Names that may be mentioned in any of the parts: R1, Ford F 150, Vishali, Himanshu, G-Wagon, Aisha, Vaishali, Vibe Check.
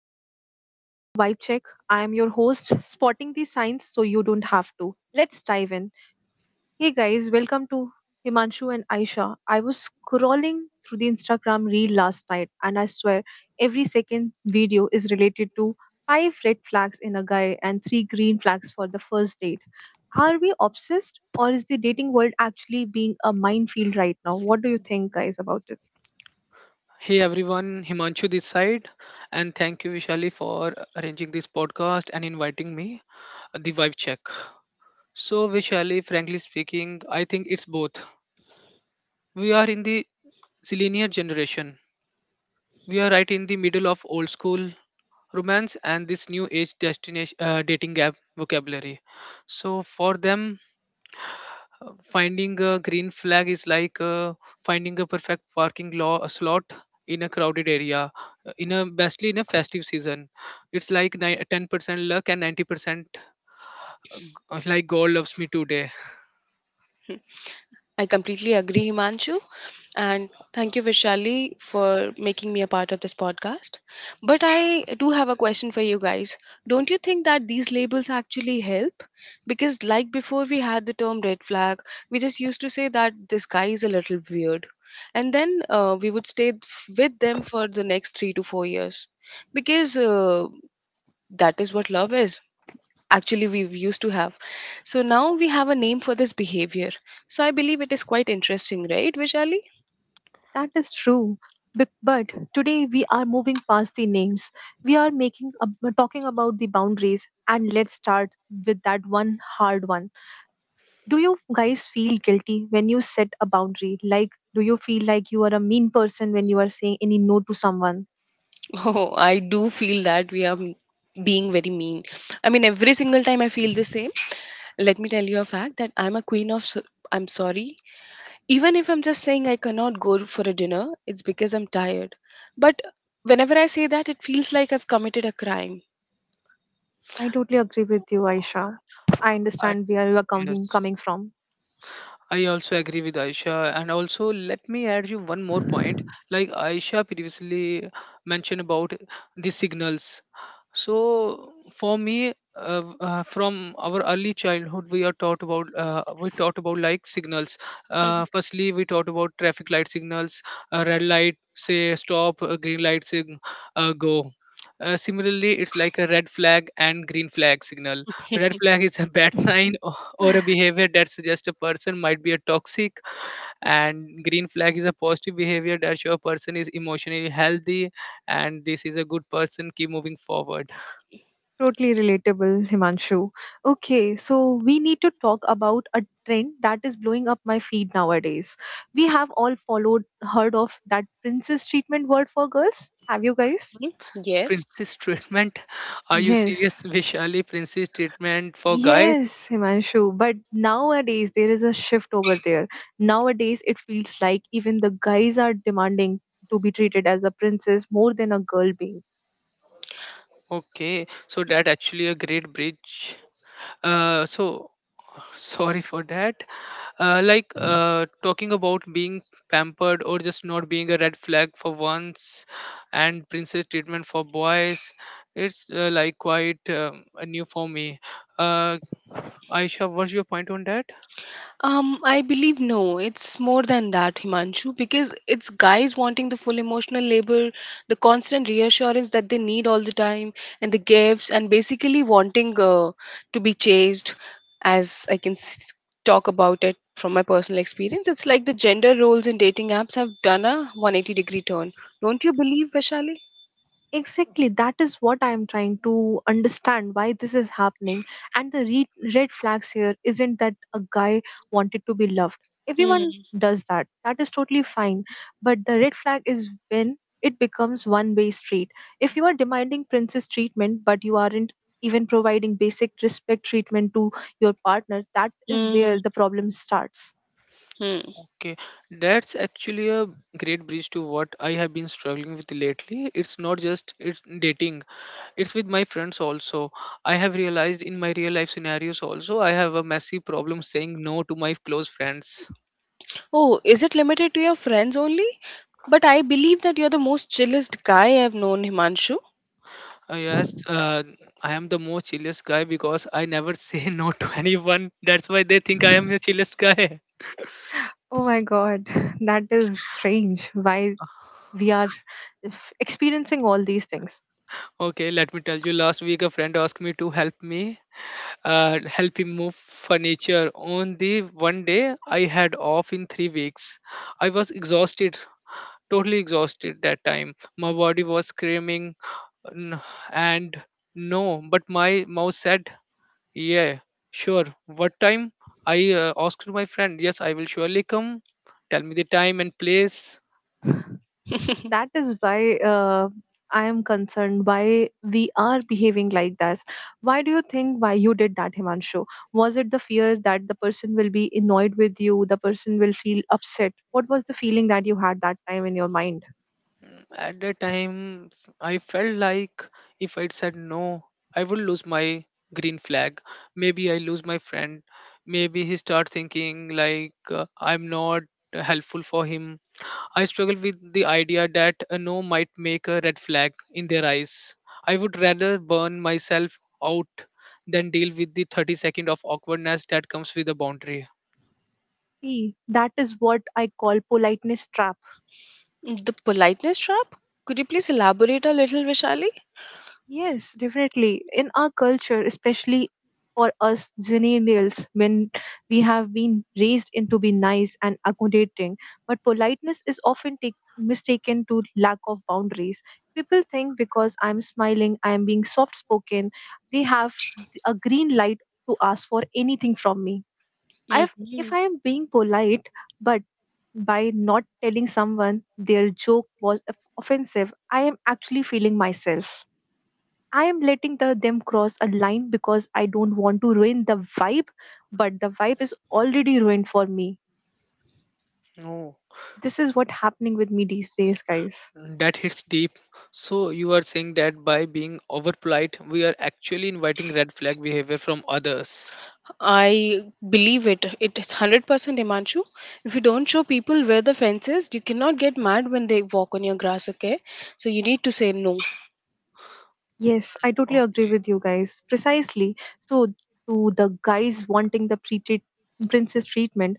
guys, you are listening to Vibe Check. I am your host, spotting the signs so you don't have to. Let's dive in. Hey guys, welcome to Himanshu and Aisha. I was scrolling through the Instagram reel last night and I swear every second video is related to five red flags in a guy and three green flags for the first date. Are we obsessed or is the dating world actually being a minefield right now? What do you think guys about it? Hey everyone, Himanshu this side, and thank you Vishali for arranging this podcast and inviting me, the vibe check. So Vishali, frankly speaking, I think it's both. We are in the zillennial generation. We are right in the middle of old school romance and this new age destination dating app vocabulary. So for them, finding a green flag is like finding a perfect parking law a slot in a crowded area in a basically in a festive season it's like 10% luck and 90% like god loves me today I completely agree, Himanshu. And thank you, Vishali, for making me a part of this podcast. But I do have a question for you guys. Don't you think that these labels actually help? Because, like before, we had the term red flag, we just used to say that this guy is a little weird. And then we would with them for the next 3 to 4 years. Because that is what love is. Actually, we used to have. So now we have a name for this behavior, so I believe it is quite interesting, right, Vishali? That is true. But today we are moving past the names. We are talking about the boundaries, and let's start with that one hard one. Do you guys feel guilty when you set a boundary? Like, do you feel like you are a mean person when you are saying any no to someone? Oh, I do feel that being very mean. I mean, every single time I feel the same. Let me tell you a fact that I'm a queen. I'm sorry. Even if I'm just saying I cannot go for a dinner, it's because I'm tired. But whenever I say that, it feels like I've committed a crime. I totally agree with you, Aisha. I Uh, I- understand where you are coming yes, coming from. I also agree with Aisha, and also let me add you one more point. Like Aisha previously mentioned about the signals. So for me, from our early childhood, we are taught about we taught about like signals. Mhm. Firstly, we taught about traffic light signals, red light say stop, green light say go. Similarly, it's like a red flag and green flag signal. A red flag is a bad sign or a behavior that suggests a person might be a toxic, and green flag is a positive behavior that shows a person is emotionally healthy and this is a good person. Keep moving forward. Totally relatable, Himanshu. Okay, so we need to talk about a trend that is blowing up my feed nowadays. We have all followed, heard of that princess treatment word for girls. Have you guys? Yes. Princess treatment. Are you serious, Yes. Vishali? Princess treatment for guys? Yes, Himanshu. But nowadays there is a shift over there. Nowadays it feels like even the guys are demanding to be treated as a princess more than a girl being. Okay, so that actually a great bridge. So sorry for that. Talking about being pampered or just not being a red flag for once, and princess treatment for boys, it's like quite new for me. Uh, Aisha, what's your point on that? I believe no, it's more than that, Himanshu, because it's guys wanting the full emotional labor, the constant reassurance that they need all the time, and the gifts, and basically wanting to be chased. As talk about it from my personal experience, it's like the gender roles in dating apps have done a 180-degree turn. Don't you believe, Vaishali? Exactly, that is what I am trying to understand, why this is happening. And the red flags here isn't that a guy wanted to be loved. Everyone Hmm. does that. That is totally fine. But the red flag is when it becomes one way street. If you are demanding princess treatment, but you aren't even providing basic respect treatment to your partner, that is Hmm. where the problem starts. Hmm. Okay, that's actually a great bridge to what I have been struggling with lately. It's not just it's dating, it's with my friends also. I have realized in my real life scenarios also, I have a massive problem saying no to my close friends. Oh, is it limited to your friends only? But I believe that you're the most chillest guy I've known, Himanshu. Yes, I am the most chillest guy because I never say no to anyone. That's why they think I am the chillest guy. Oh my god, that is strange. Why we are experiencing all these things. Okay, let me tell you. Last week, a friend asked me to help him move furniture. On the one day, I had off in 3 weeks. I was exhausted, totally exhausted that time. My body was screaming, "N- and no," but my mouth said, "Yeah, sure. What time?" I asked my friend. Yes, I will surely come. Tell me the time and place. That is why I am concerned why we are behaving like this. Why do you think why you did that, Himanshu? Was it the fear that the person will be annoyed with you, the person will feel upset? What was the feeling that you had that time in your mind? Mm, at that time, I felt like if I'd said no, I would lose my green flag. Maybe I lose my friend. Maybe he start thinking like I'm not helpful for him. I struggle with the idea that a no might make a red flag in their eyes. I would rather burn myself out than deal with the 30 second of awkwardness that comes with a boundary. See, that is what I call politeness trap. The politeness trap? Could you please elaborate a little, Vishali? Yes, definitely. In our culture, especially for us millennials, when we have been raised into be nice and accommodating, but politeness is often take, mistaken to lack of boundaries. People think because I'm smiling, I'm being soft spoken, they have a green light to ask for anything from me. I've, if Hmm. I am being polite, but by not telling someone their joke was offensive, I am actually feeling myself. I am letting them cross a line because I don't want to ruin the vibe, but the vibe is already ruined for me. Oh, This is what happening with me these days, guys. that hits deep. So you are saying that by being over polite, we are actually inviting red flag behavior from others. I believe it. It is 100%, Himanshu. If you don't show people where the fence is, you cannot get mad when they walk on your grass, okay? So you need to say no. Yes, I totally agree Okay, with you guys. Precisely. So to the guys wanting the pre princess treatment,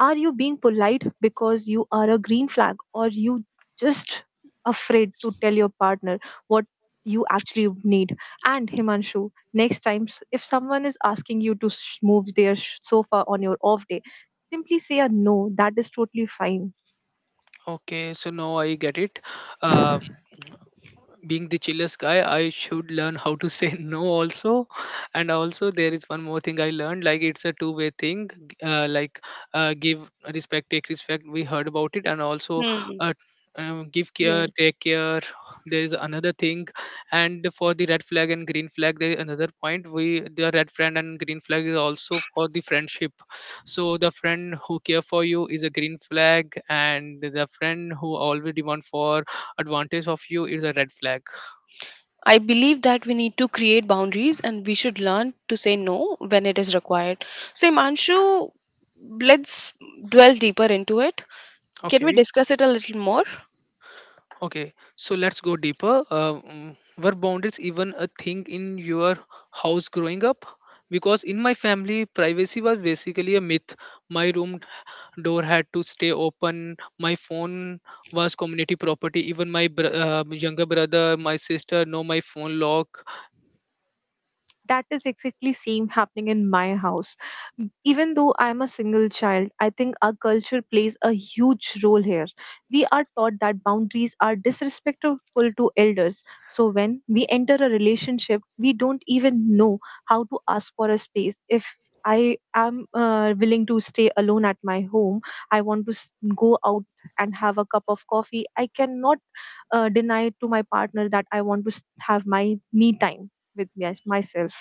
are you being polite because you are a green flag, or you just afraid to tell your partner what you actually need? And Himanshu, next time, if someone is asking you to move their sofa on your off day, simply say a no, that is totally fine. okay. So now I get it. Uh, being the chillest guy, I should learn how to say no also. And also, there is one more thing I learned. Like it's a two-way thing. Uh, like give respect, take respect. We heard about it, and also Hmm. uh, give care, Yes. take care. There is another thing, and for the red flag and green flag, there is another point. We the red friend and green flag is also for the friendship. So the friend who care for you is a green flag, and the friend who always demand for advantage of you is a red flag. I believe that we need to create boundaries and we should learn to say no when it is required. So, Himanshu, let's dwell deeper into it. Can we okay discuss it a little more? okay so let's go deeper. Were boundaries even a thing in your house growing up? Because in my family privacy was basically a myth. My room door had to stay open, my phone was community property, even my younger brother, my sister know my phone lock. That is exactly same happening in my house. Even though I am a single child, I think our culture plays a huge role here. We are taught that boundaries are disrespectful to elders, so when we enter a relationship we don't even know how to ask for a space. If I am willing to stay alone at my home, I want to go out and have a cup of coffee. I cannot deny to my partner that I want to have my me time with me, as myself.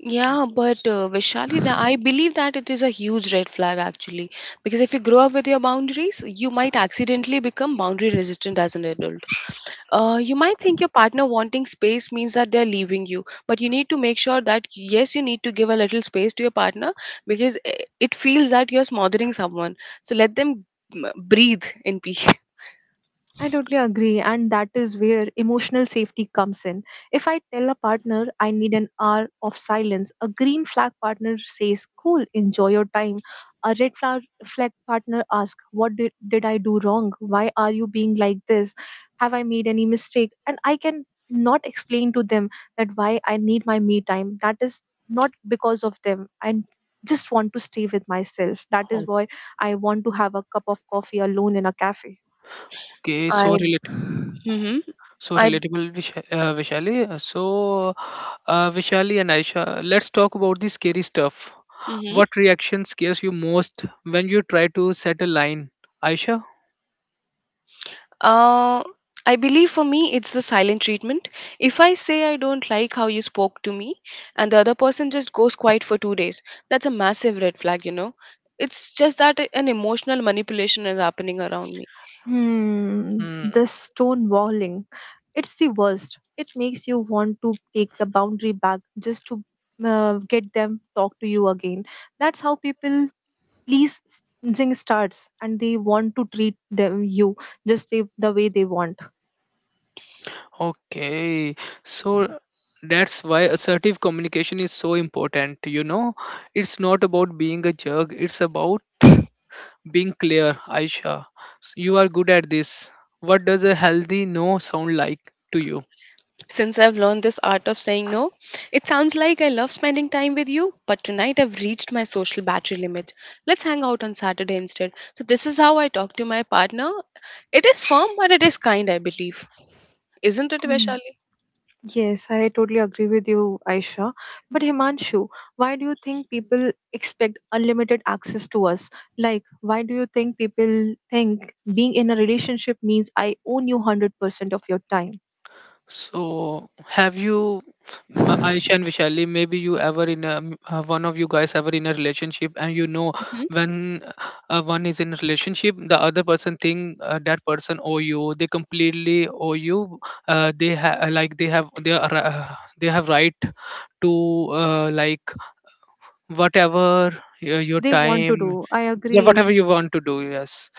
Yeah, but Vishali, I believe that it is a huge red flag actually. Because if you grow up with your boundaries, you might accidentally become boundary resistant as an adult. You might think your partner wanting space means that they're leaving you, but you need to make sure that yes, you need to give a little space to your partner because it feels that you're smothering someone. So let them breathe in peace. I totally agree, and that is where emotional safety comes in. If I tell a partner I need an hour of silence, a green flag partner says, Cool, enjoy your time. A flag partner asks, did I do wrong? Why are you being like this? Have I made any mistake? And I can not explain to them that why I need my me time. That is not because of them. I just want to stay with myself. That is why I want to have a cup of coffee alone in a cafe. Okay, so I, relatable. mm-hmm, So I, relatable, Vishali. So, Vishali and Aisha, let's talk about the scary stuff. mhm. What reaction scares you most when you try to set a line? Aisha? Uh, I believe for me, it's the silent treatment. If I say I don't like how you spoke to me, and the other person just goes quiet for 2 days, that's a massive red flag, you know. It's just that an emotional manipulation is happening around me. Hmm, Hmm, the stone walling. It's the worst. It makes you want to take the boundary back just to get them talk to you again. That's how people pleasing starts, and they want to treat them you just the way they want. okay. So that's why assertive communication is so important. You know, it's not about being a jerk, it's about being clear, Aisha. So you are good at this. What does a healthy no sound like to you? Since I've learned this art of saying no, it sounds like I love spending time with you, but tonight I've reached my social battery limit. Let's hang out on Saturday instead. So this is how I talk to my partner. It is firm, but it is kind, I believe. Isn't it, Hmm. Vaishali? Yes, I totally agree with you, Aisha. But Himanshu, why do you think people expect unlimited access to us? Like, why do you think people think being in a relationship means I own you 100% of your time? So, Ayesha and Vishali, maybe you ever in a, one of you guys ever in a relationship, and you know when one is in a relationship, the other person think that person owe you. They completely owe you. They ha- like they have they have right to whatever your They want to time, do. I yeah, agree. whatever you want to do. Yes.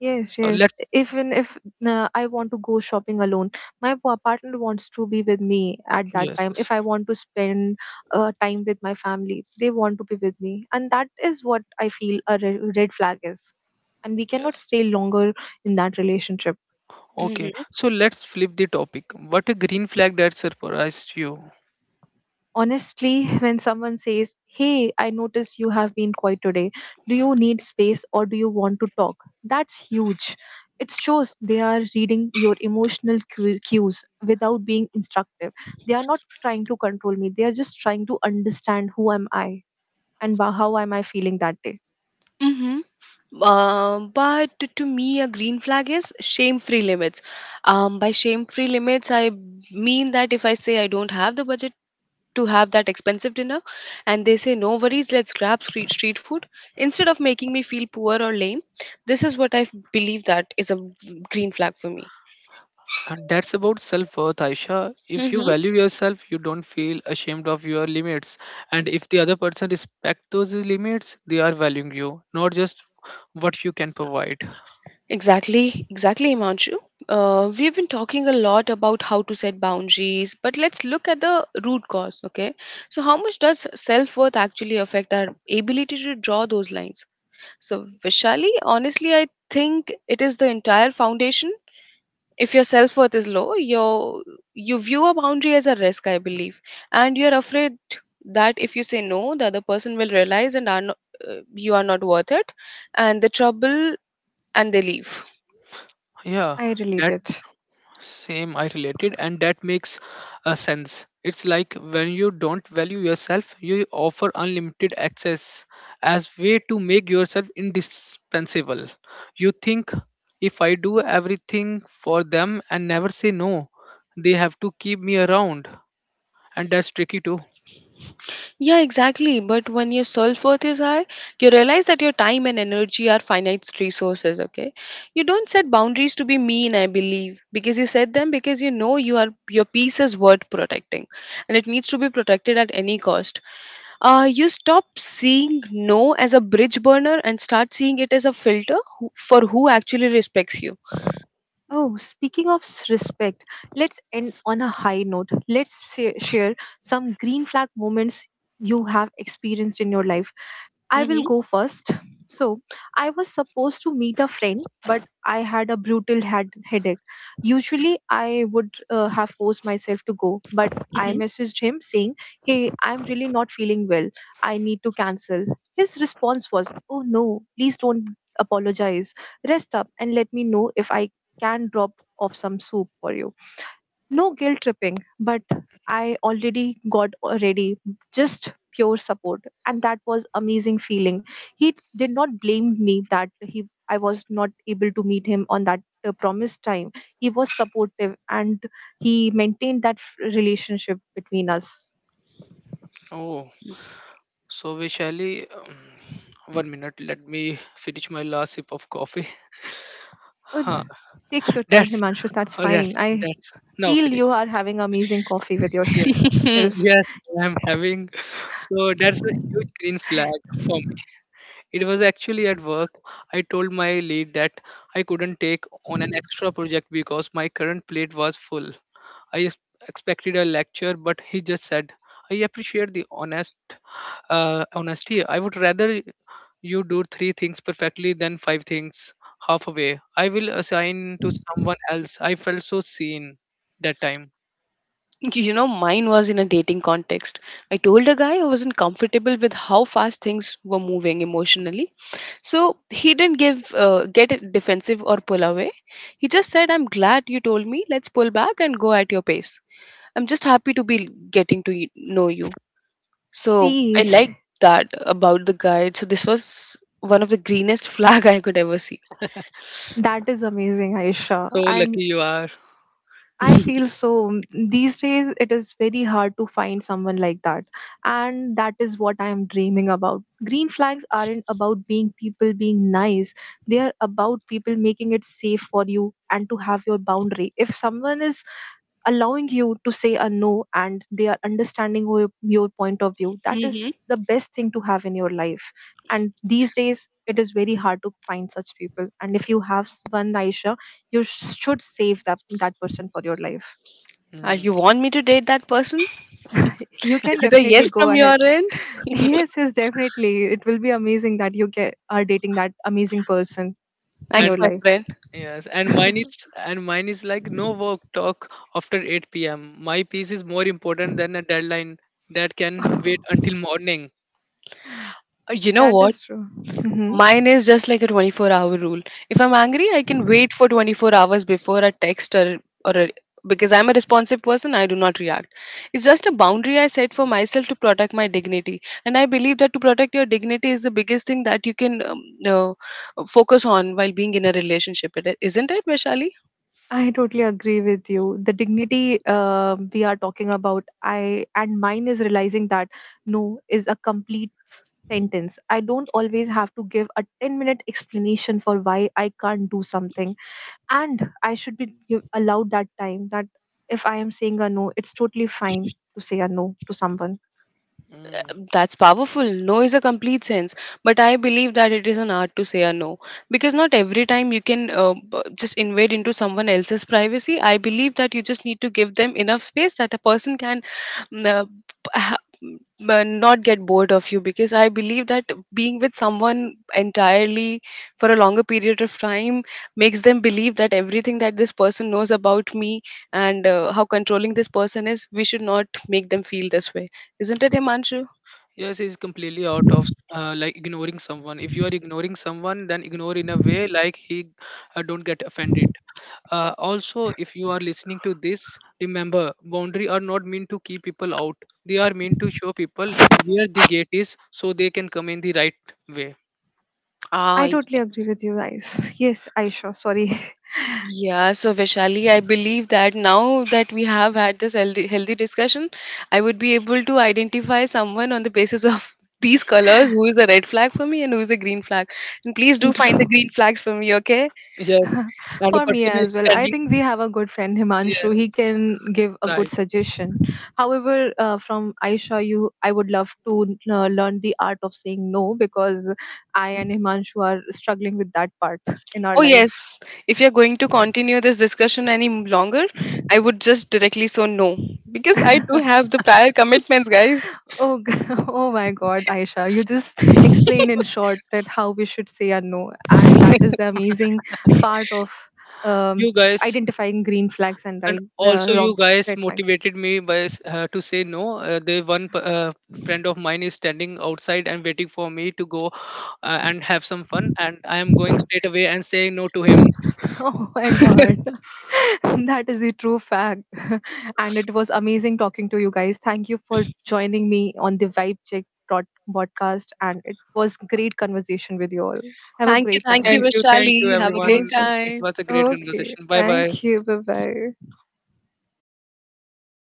Yes, So yes. let's. Even if I want to go shopping alone, my partner wants to be with me at that time. Yes. If I want to spend time with my family, they want to be with me. And that is what I feel a red flag is. And we cannot Yes. stay longer in that relationship. Okay, Hmm. so let's flip the topic. What a green flag that surprised you. Honestly, when someone says, Hey, I notice you have been quiet today. Do you need space or do you want to talk? That's huge. It shows they are reading your emotional cues without being instructive. They are not trying to control me. They are just trying to understand who am I and how am I feeling that day. Mm-hmm. But to me, a green flag is shame-free limits. By shame-free limits, I mean that if I say I don't have the budget to have that expensive dinner, and they say no worries, let's grab street food, instead of making me feel poor or lame, this is what I believe that is a green flag for me. And that's about self worth, Aisha. If you Mm-hmm. value yourself, you don't feel ashamed of your limits. And if the other person respects those limits, they are valuing you, not just what you can provide. Exactly, exactly, Imanshu. We've been talking a lot about how to set boundaries, but let's look at the root cause, okay? So, how much does self worth actually affect our ability to draw those lines? So, Vishali, honestly, I think it is the entire foundation. If your self worth is low, you view a boundary as a risk, I believe, and you're afraid that if you say no, the other person will realize and are not, you are not worth it, and the trouble and they leave. Yeah, I relate that it. Same, I related, and that makes a sense. It's like when you don't value yourself, you offer unlimited access as way to make yourself indispensable. You think if I do everything for them and never say no, they have to keep me around, and that's tricky too. Yeah, exactly. But when your self worth is high, you realize that your time and energy are finite resources, okay? You don't set boundaries to be mean, I believe, because you set them because you know you are your peace is worth protecting and it needs to be protected at any cost. You stop seeing no as a bridge burner and start seeing it as a filter who, for who actually respects you. Oh, speaking of respect, let's end on a high note. Let's share some green flag moments you have experienced in your life. I will Mm-hmm. go first. So, I was supposed to meet a friend, but I had a brutal headache. Usually, I would have forced myself to go, but I messaged him saying, Hey, I'm really not feeling well. I need to cancel. His response was, Oh no, please don't apologize. Rest up and let me know if I can drop off some soup for you. No guilt tripping, but I already got ready, just pure support. And that was amazing feeling. He did not blame me that he I was not able to meet him on that promised time. He was supportive and he maintained that relationship between us. Oh, so Vishali, one minute, let me finish my last sip of coffee. Oh, Huh. take your time, That's Himanshu. That's oh yes, fine. I that's now feel you finished. are having amazing coffee with Mm-hmm. yourself. Yes, I'm having. So that's a huge green flag for me. It was actually at work. I told my lead that I couldn't take on an extra project because my current plate was full. I expected a lecture, but he just said, "I appreciate the honesty. I would rather you do three things perfectly than five things halfway. I will assign to someone else." I felt so seen that time. You know, mine was in a dating context. I told a guy I wasn't comfortable with how fast things were moving emotionally. So he didn't give get defensive or pull away. He just said, "I'm glad you told me. Let's pull back and go at your pace. I'm just happy to be getting to know you." So I See, like that about the guy. So this was one of the greenest flag I could ever see. that is amazing, Aisha. So And lucky you are. I feel so. These days, it is very hard to find someone like that. And that is what I am dreaming about. Green flags aren't about being people being nice, they are about people making it safe for you and to have your boundary. If someone is allowing you to say a no and they are understanding your point of view, that is Hmm. the best thing to have in your life. And these days, it is very hard to find such people. And if you have one, Aisha, you should save that person for your life. Mhm. You want me to date that person? You can Is it a definitely yes go from your ahead. end? Yes, yes, definitely. It will be amazing that you get are dating that amazing person in Thanks, your And my life. friend. yes, and mine is like no work talk after 8 p.m. My piece is more important than a deadline that can wait until morning. You know That what? is true. Hmm. Mine is just like a 24-hour rule. If I'm angry, I can wait for 24 hours before a text or a, because I'm a responsive person, I do not react. It's just a boundary I set for myself to protect my dignity. And I believe that to protect your dignity is the biggest thing that you can uh, focus on while being in a relationship. Isn't it, Vaishali? I totally agree with you. The dignity we are talking about, I and mine is realizing that no is a complete sentence. I don't always have to give a 10-minute explanation for why I can't do something, and I should allowed that time that if I am saying a no, it's totally fine to say a no to someone. Mm. That's powerful. No is a complete sense, but I believe that it is an art to say a no because not every time you can just invade into someone else's privacy. I believe that you just need to give them enough space that a person can mm, uh, p- ha- m- not get bored of you, because I believe that being with someone entirely for a longer period of time makes them believe that everything that this person knows about me and how controlling this person is, we should not make them feel this way. Isn't it, Himanshu? Yes, it's completely out of like ignoring someone. If you are ignoring someone, then ignore in a way like he don't get offended. Also, if you are listening to this, remember boundary are not meant to keep people out. They are meant to show people where the gate is so they can come in the right way. Ah, I y- totally agree with you guys. Yes, Aisha, sorry. yeah. So, Vishali, I believe that now that we have had this healthy, healthy discussion, I would be able to identify someone on the basis of these colors who is a red flag for me and who is a green flag. And please do And find the green flags for me, okay? Yes, and a for me person is as well, I standing. think we have a good friend Himanshu. He Yes, can give a good right. suggestion. However, from Aisha, you, I would love to learn the art of saying no, because I and Himanshu are struggling with that part in our Oh, life. yes. If you're going to continue this discussion any longer, I would just directly so no. Because I do have the prior commitments, guys. Oh, oh my God, Aisha, you just explained in short that how we should say a no, and that is the amazing part of um, You guys, identifying green flags and and right, also you wrong guys red flags. motivated me to say no. The friend of mine is standing outside and waiting for me to go and have some fun, and I am going straight away and saying no to him. Oh my God, that is the true fact, and it was amazing talking to you guys. Thank you for joining me on the Vibe Check dot podcast, and it was great conversation with you all. Have a Thank you. great time, Thank you, guys. Thank you, Vishali. Have a everyone. great Most welcome. It time. was a great Okay, conversation. Bye bye. thank you. Bye bye.